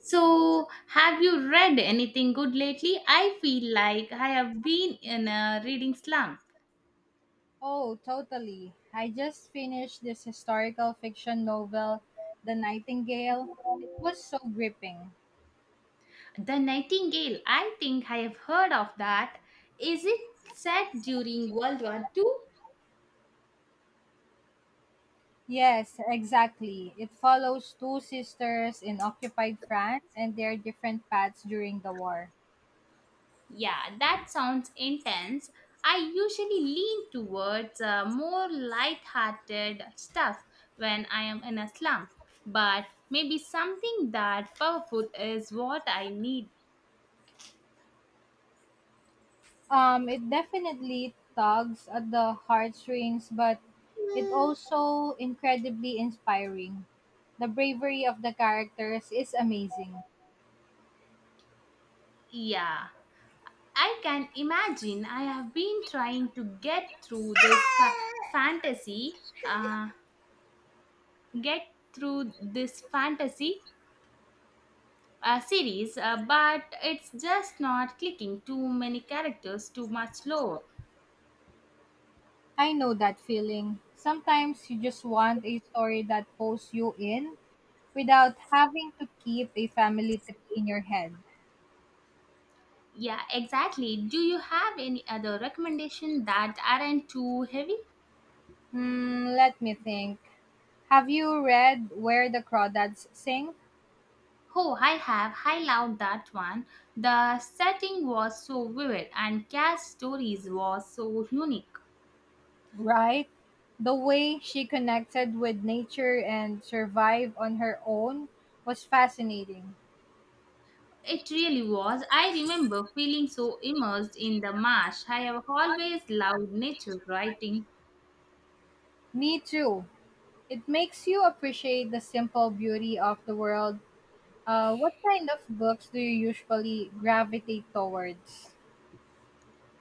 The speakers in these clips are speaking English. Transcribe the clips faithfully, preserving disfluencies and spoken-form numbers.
So, have you read anything good lately? I feel like I have been in a reading slump. Oh, totally. I just finished this historical fiction novel, The Nightingale. It was so gripping. The Nightingale, I think I have heard of that. Is it set during World War Two? Yes, exactly. It follows two sisters in occupied France and their different paths during the war. Yeah, that sounds intense. I usually lean towards uh, more light-hearted stuff when I am in a slump, but maybe something that powerful is what I need. Um, it definitely tugs at the heartstrings, but it also incredibly inspiring. The bravery of the characters is amazing. Yeah. I can imagine I have been trying to get through this fa- fantasy, uh, get through this fantasy uh, series, uh, but it's just not clicking, too many characters, too much lore. I know that feeling. Sometimes you just want a story that pulls you in without having to keep a family tree in your head. Yeah, exactly. Do you have any other recommendation that aren't too heavy? Hmm, let me think. Have you read Where the Crawdads Sing? Oh, I have. I loved that one. The setting was so vivid and cast stories was so unique. Right? The way she connected with nature and survived on her own was fascinating. It really was. I remember feeling so immersed in the marsh. I have always loved nature writing. Me too. It makes you appreciate the simple beauty of the world. Uh, what kind of books do you usually gravitate towards?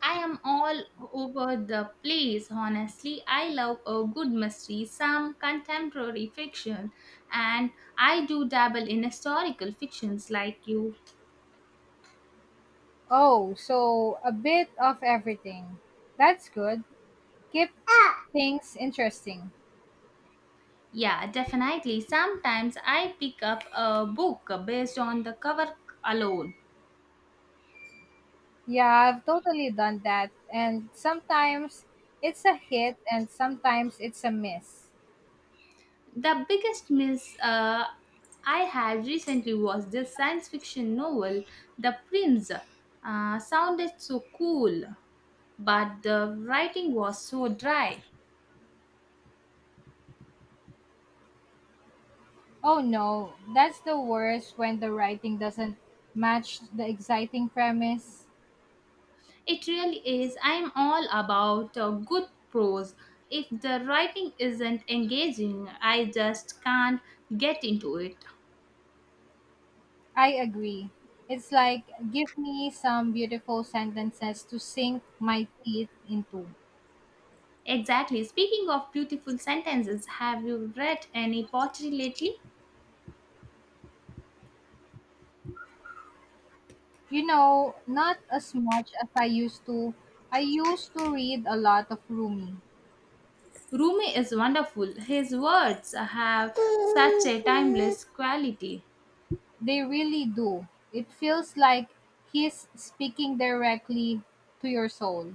I am all over the place, honestly. I love a good mystery, some contemporary fiction, and I do dabble in historical fictions like you. Oh, so a bit of everything. That's good. Keep things interesting. Yeah, definitely. Sometimes I pick up a book based on the cover alone. Yeah, I've totally done that. And sometimes it's a hit and sometimes it's a miss. The biggest miss uh, I had recently was this science fiction novel, The Prince. Uh, sounded so cool, but the writing was so dry. Oh no, that's the worst when the writing doesn't match the exciting premise. It really is. I'm all about uh, good prose. If the writing isn't engaging, I just can't get into it. I agree. It's like, give me some beautiful sentences to sink my teeth into. Exactly. Speaking of beautiful sentences, have you read any poetry lately? You know, not as much as I used to. I used to read a lot of Rumi. Rumi is wonderful. His words have such a timeless quality. They really do. It feels like he's speaking directly to your soul.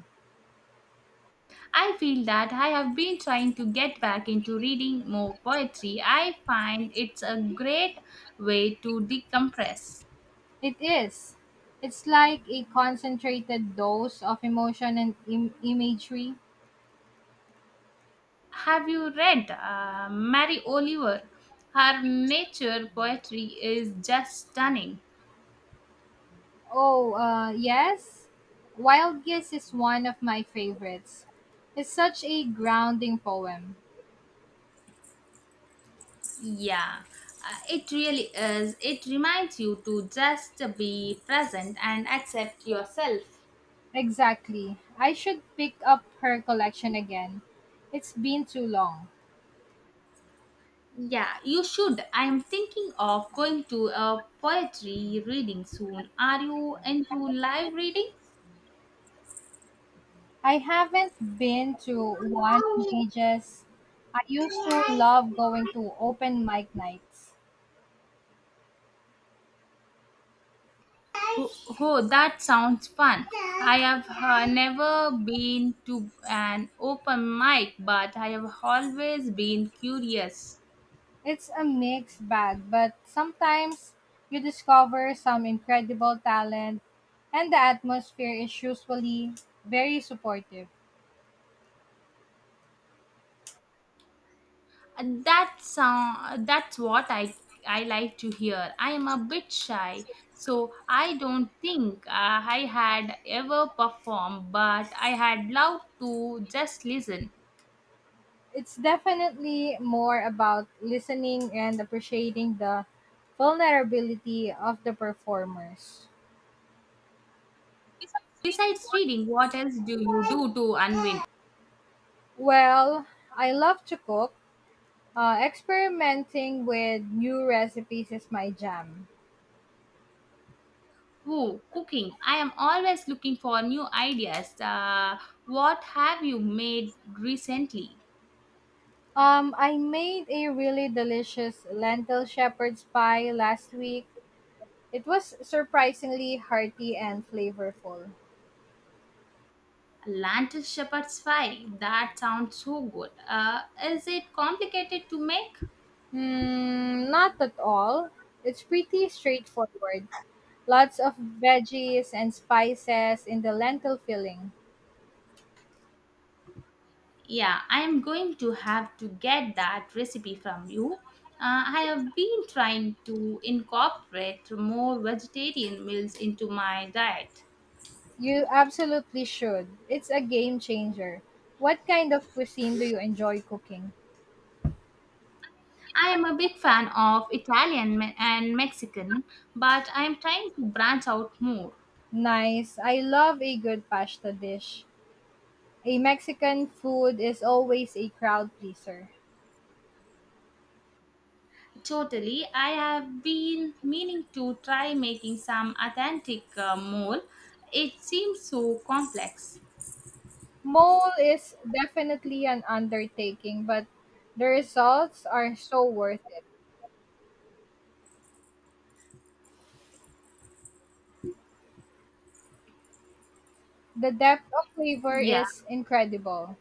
I feel that I have been trying to get back into reading more poetry. I find it's a great way to decompress. It is. It's like a concentrated dose of emotion and Im- imagery. Have you read uh, Mary Oliver? Her nature poetry is just stunning. Oh, uh, yes? Wild Guess is one of my favorites. It's such a grounding poem. Yeah, uh, it really is. It reminds you to just be present and accept yourself. Exactly. I should pick up her collection again. It's been too long. Yeah, you should. I am thinking of going to a poetry reading soon. Are you into live readings? I haven't been to one in ages. I used to love going to open mic nights. Oh, that sounds fun. I have uh, never been to an open mic, but I have always been curious. It's a mixed bag, but sometimes you discover some incredible talent, and the atmosphere is usually very supportive. And That's uh, that's what I I like to hear. I am a bit shy, so I don't think uh, I had ever performed, but I had loved to just listen. It's definitely more about listening and appreciating the vulnerability of the performers. Besides reading, what else do you do to unwind? Well, I love to cook. Uh, experimenting with new recipes is my jam. Who cooking? I am always looking for new ideas. Uh, what have you made recently? Um, I made a really delicious lentil shepherd's pie last week. It was surprisingly hearty and flavorful. Lentil shepherd's pie. That sounds so good. Uh, is it complicated to make? Hmm, not at all. It's pretty straightforward. Lots of veggies and spices in the lentil filling. Yeah, I am going to have to get that recipe from you. Uh, I have been trying to incorporate more vegetarian meals into my diet. You absolutely should. It's a game changer. What kind of cuisine do you enjoy cooking? I am a big fan of Italian me- and Mexican, but I am trying to branch out more. Nice. I love a good pasta dish. A Mexican food is always a crowd pleaser. Totally, I have been meaning to try making some authentic uh, mole. It seems so complex. Mole is definitely an undertaking, but the results are so worth it. The depth of flavor Yeah. is incredible.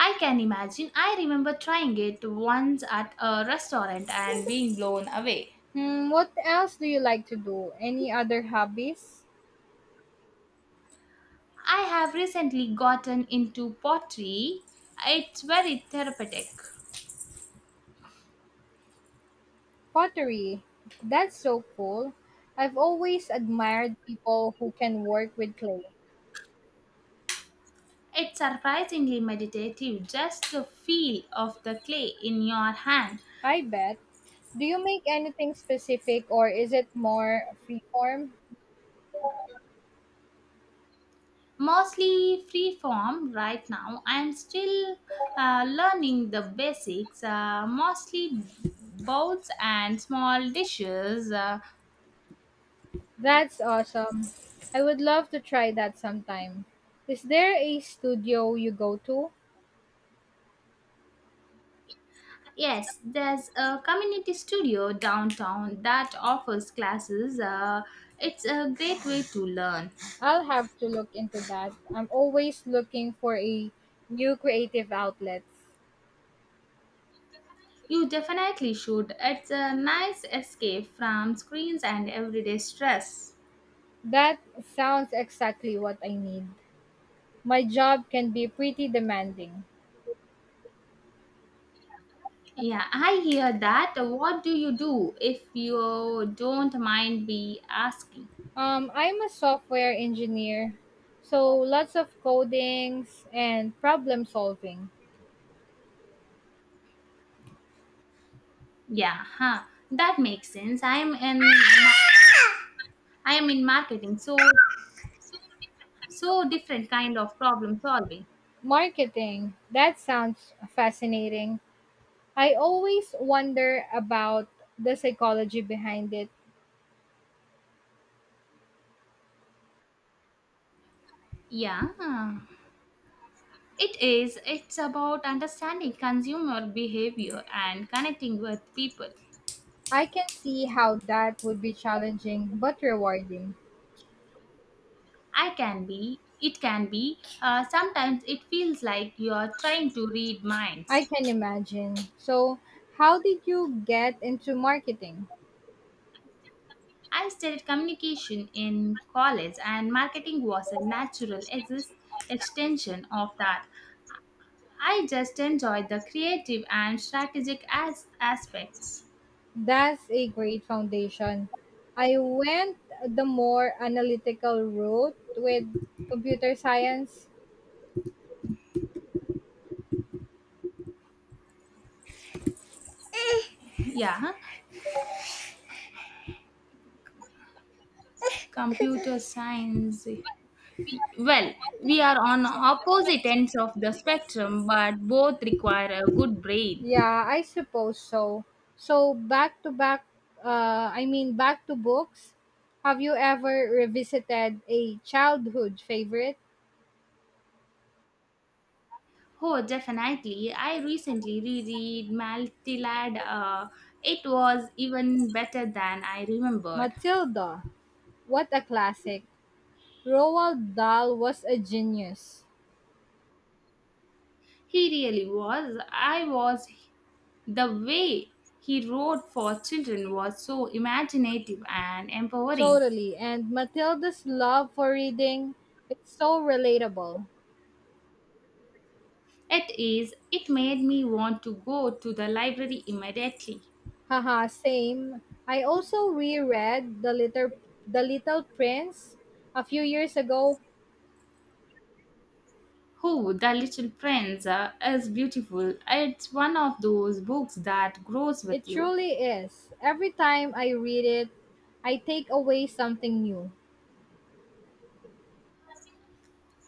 I can imagine. I remember trying it once at a restaurant and being blown away. Hmm, what else do you like to do? Any other hobbies? I have recently gotten into pottery. It's very therapeutic. Pottery. That's so cool. I've always admired people who can work with clay. It's surprisingly meditative, just the feel of the clay in your hand. I bet. Do you make anything specific or is it more freeform? Mostly free form right now. I'm still uh, learning the basics, uh, mostly bowls and small dishes. uh, That's awesome. I would love to try that sometime. Is there a studio you go to? Yes, there's a community studio downtown that offers classes. Uh, it's a great way to learn. I'll have to look into that. I'm always looking for a new creative outlets. You definitely should. It's a nice escape from screens and everyday stress. That sounds exactly what I need. My job can be pretty demanding. Yeah, I hear that. What do you do if you don't mind me asking? Um, I'm a software engineer, so lots of codings and problem solving. Yeah, huh. That makes sense. I'm in ma- I am in marketing, so so different kind of problem solving. Marketing, that sounds fascinating. I always wonder about the psychology behind it. Yeah. Huh. It is. It's about understanding consumer behavior and connecting with people. I can see how that would be challenging but rewarding. I can be. It can be. Uh, sometimes it feels like you are trying to read minds. I can imagine. So, how did you get into marketing? I studied communication in college, and marketing was a natural exist extension of that. I just enjoyed the creative and strategic as- aspects. That's a great foundation. I went the more analytical route with computer science. Yeah, huh? Computer science. Well, we are on opposite ends of the spectrum, but both require a good brain. Yeah, I suppose so. So back to back, uh, I mean back to books. Have you ever revisited a childhood favorite? Oh, definitely. I recently reread Maltilad. Uh, it was even better than I remembered. Matilda. What a classic. Roald Dahl was a genius. He really was. I was. The way he wrote for children was so imaginative and empowering. Totally. And Matilda's love for reading, it's so relatable. It is. It made me want to go to the library immediately. Haha, same. I also reread The Little The Little Prince a few years ago. Oh, The Little Prince uh, is beautiful. It's one of those books that grows It with you. truly is. Every time I read it, I take away something new.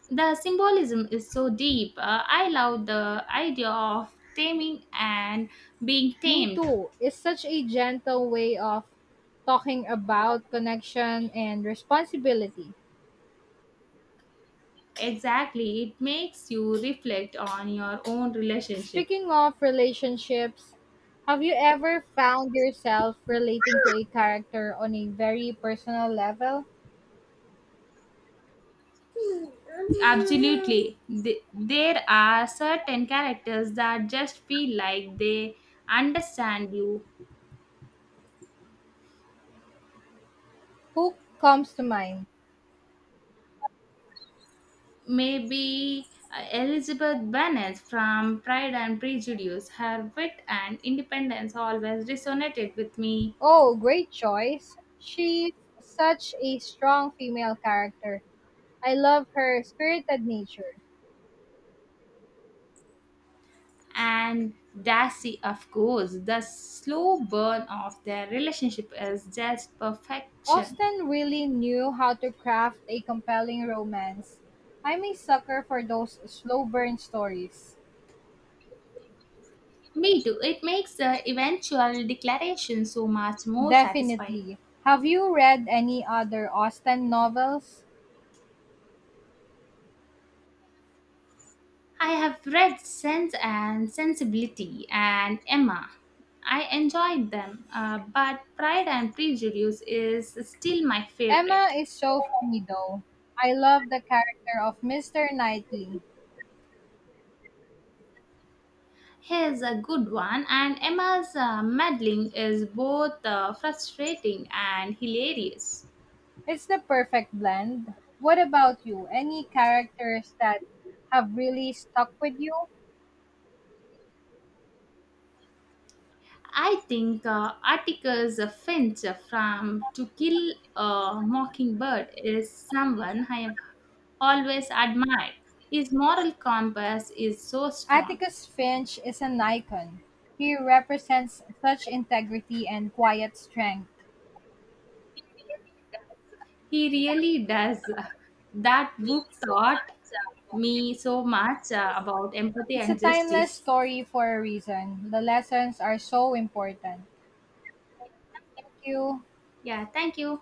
The symbolism is so deep. Uh, I love the idea of taming and being Me tamed. too is such a gentle way of talking about connection and responsibility. Exactly, it makes you reflect on your own relationship. Speaking of relationships, have you ever found yourself relating to a character on a very personal level? Absolutely. Th- There are certain characters that just feel like they understand you. Who comes to mind? Maybe uh, Elizabeth Bennet from Pride and Prejudice. Her wit and independence always resonated with me. Oh, great choice. She's such a strong female character. I love her spirited nature. And Darcy, of course, the slow burn of their relationship is just perfection. Austen really knew how to craft a compelling romance. I'm a sucker for those slow burn stories. Me too, it makes the eventual declaration so much more satisfying. Definitely. Have you read any other Austen novels? I have read Sense and Sensibility and Emma. I enjoyed them, uh, but Pride and Prejudice is still my Emma favorite. is so funny though. I love the character of mister Knightley. Here's a good one, and Emma's uh, meddling is both uh, frustrating and hilarious. It's the perfect blend. What about you? Any characters that have really stuck with you? I think uh, Atticus Finch from To Kill a Mockingbird is someone I have always admired. His moral compass is so strong. Atticus Finch is an icon. He represents such integrity and quiet strength. He really does. That book taught me so much uh, about empathy It's a and timeless justice. story for a reason. The lessons are so important. Thank you. Yeah, thank you.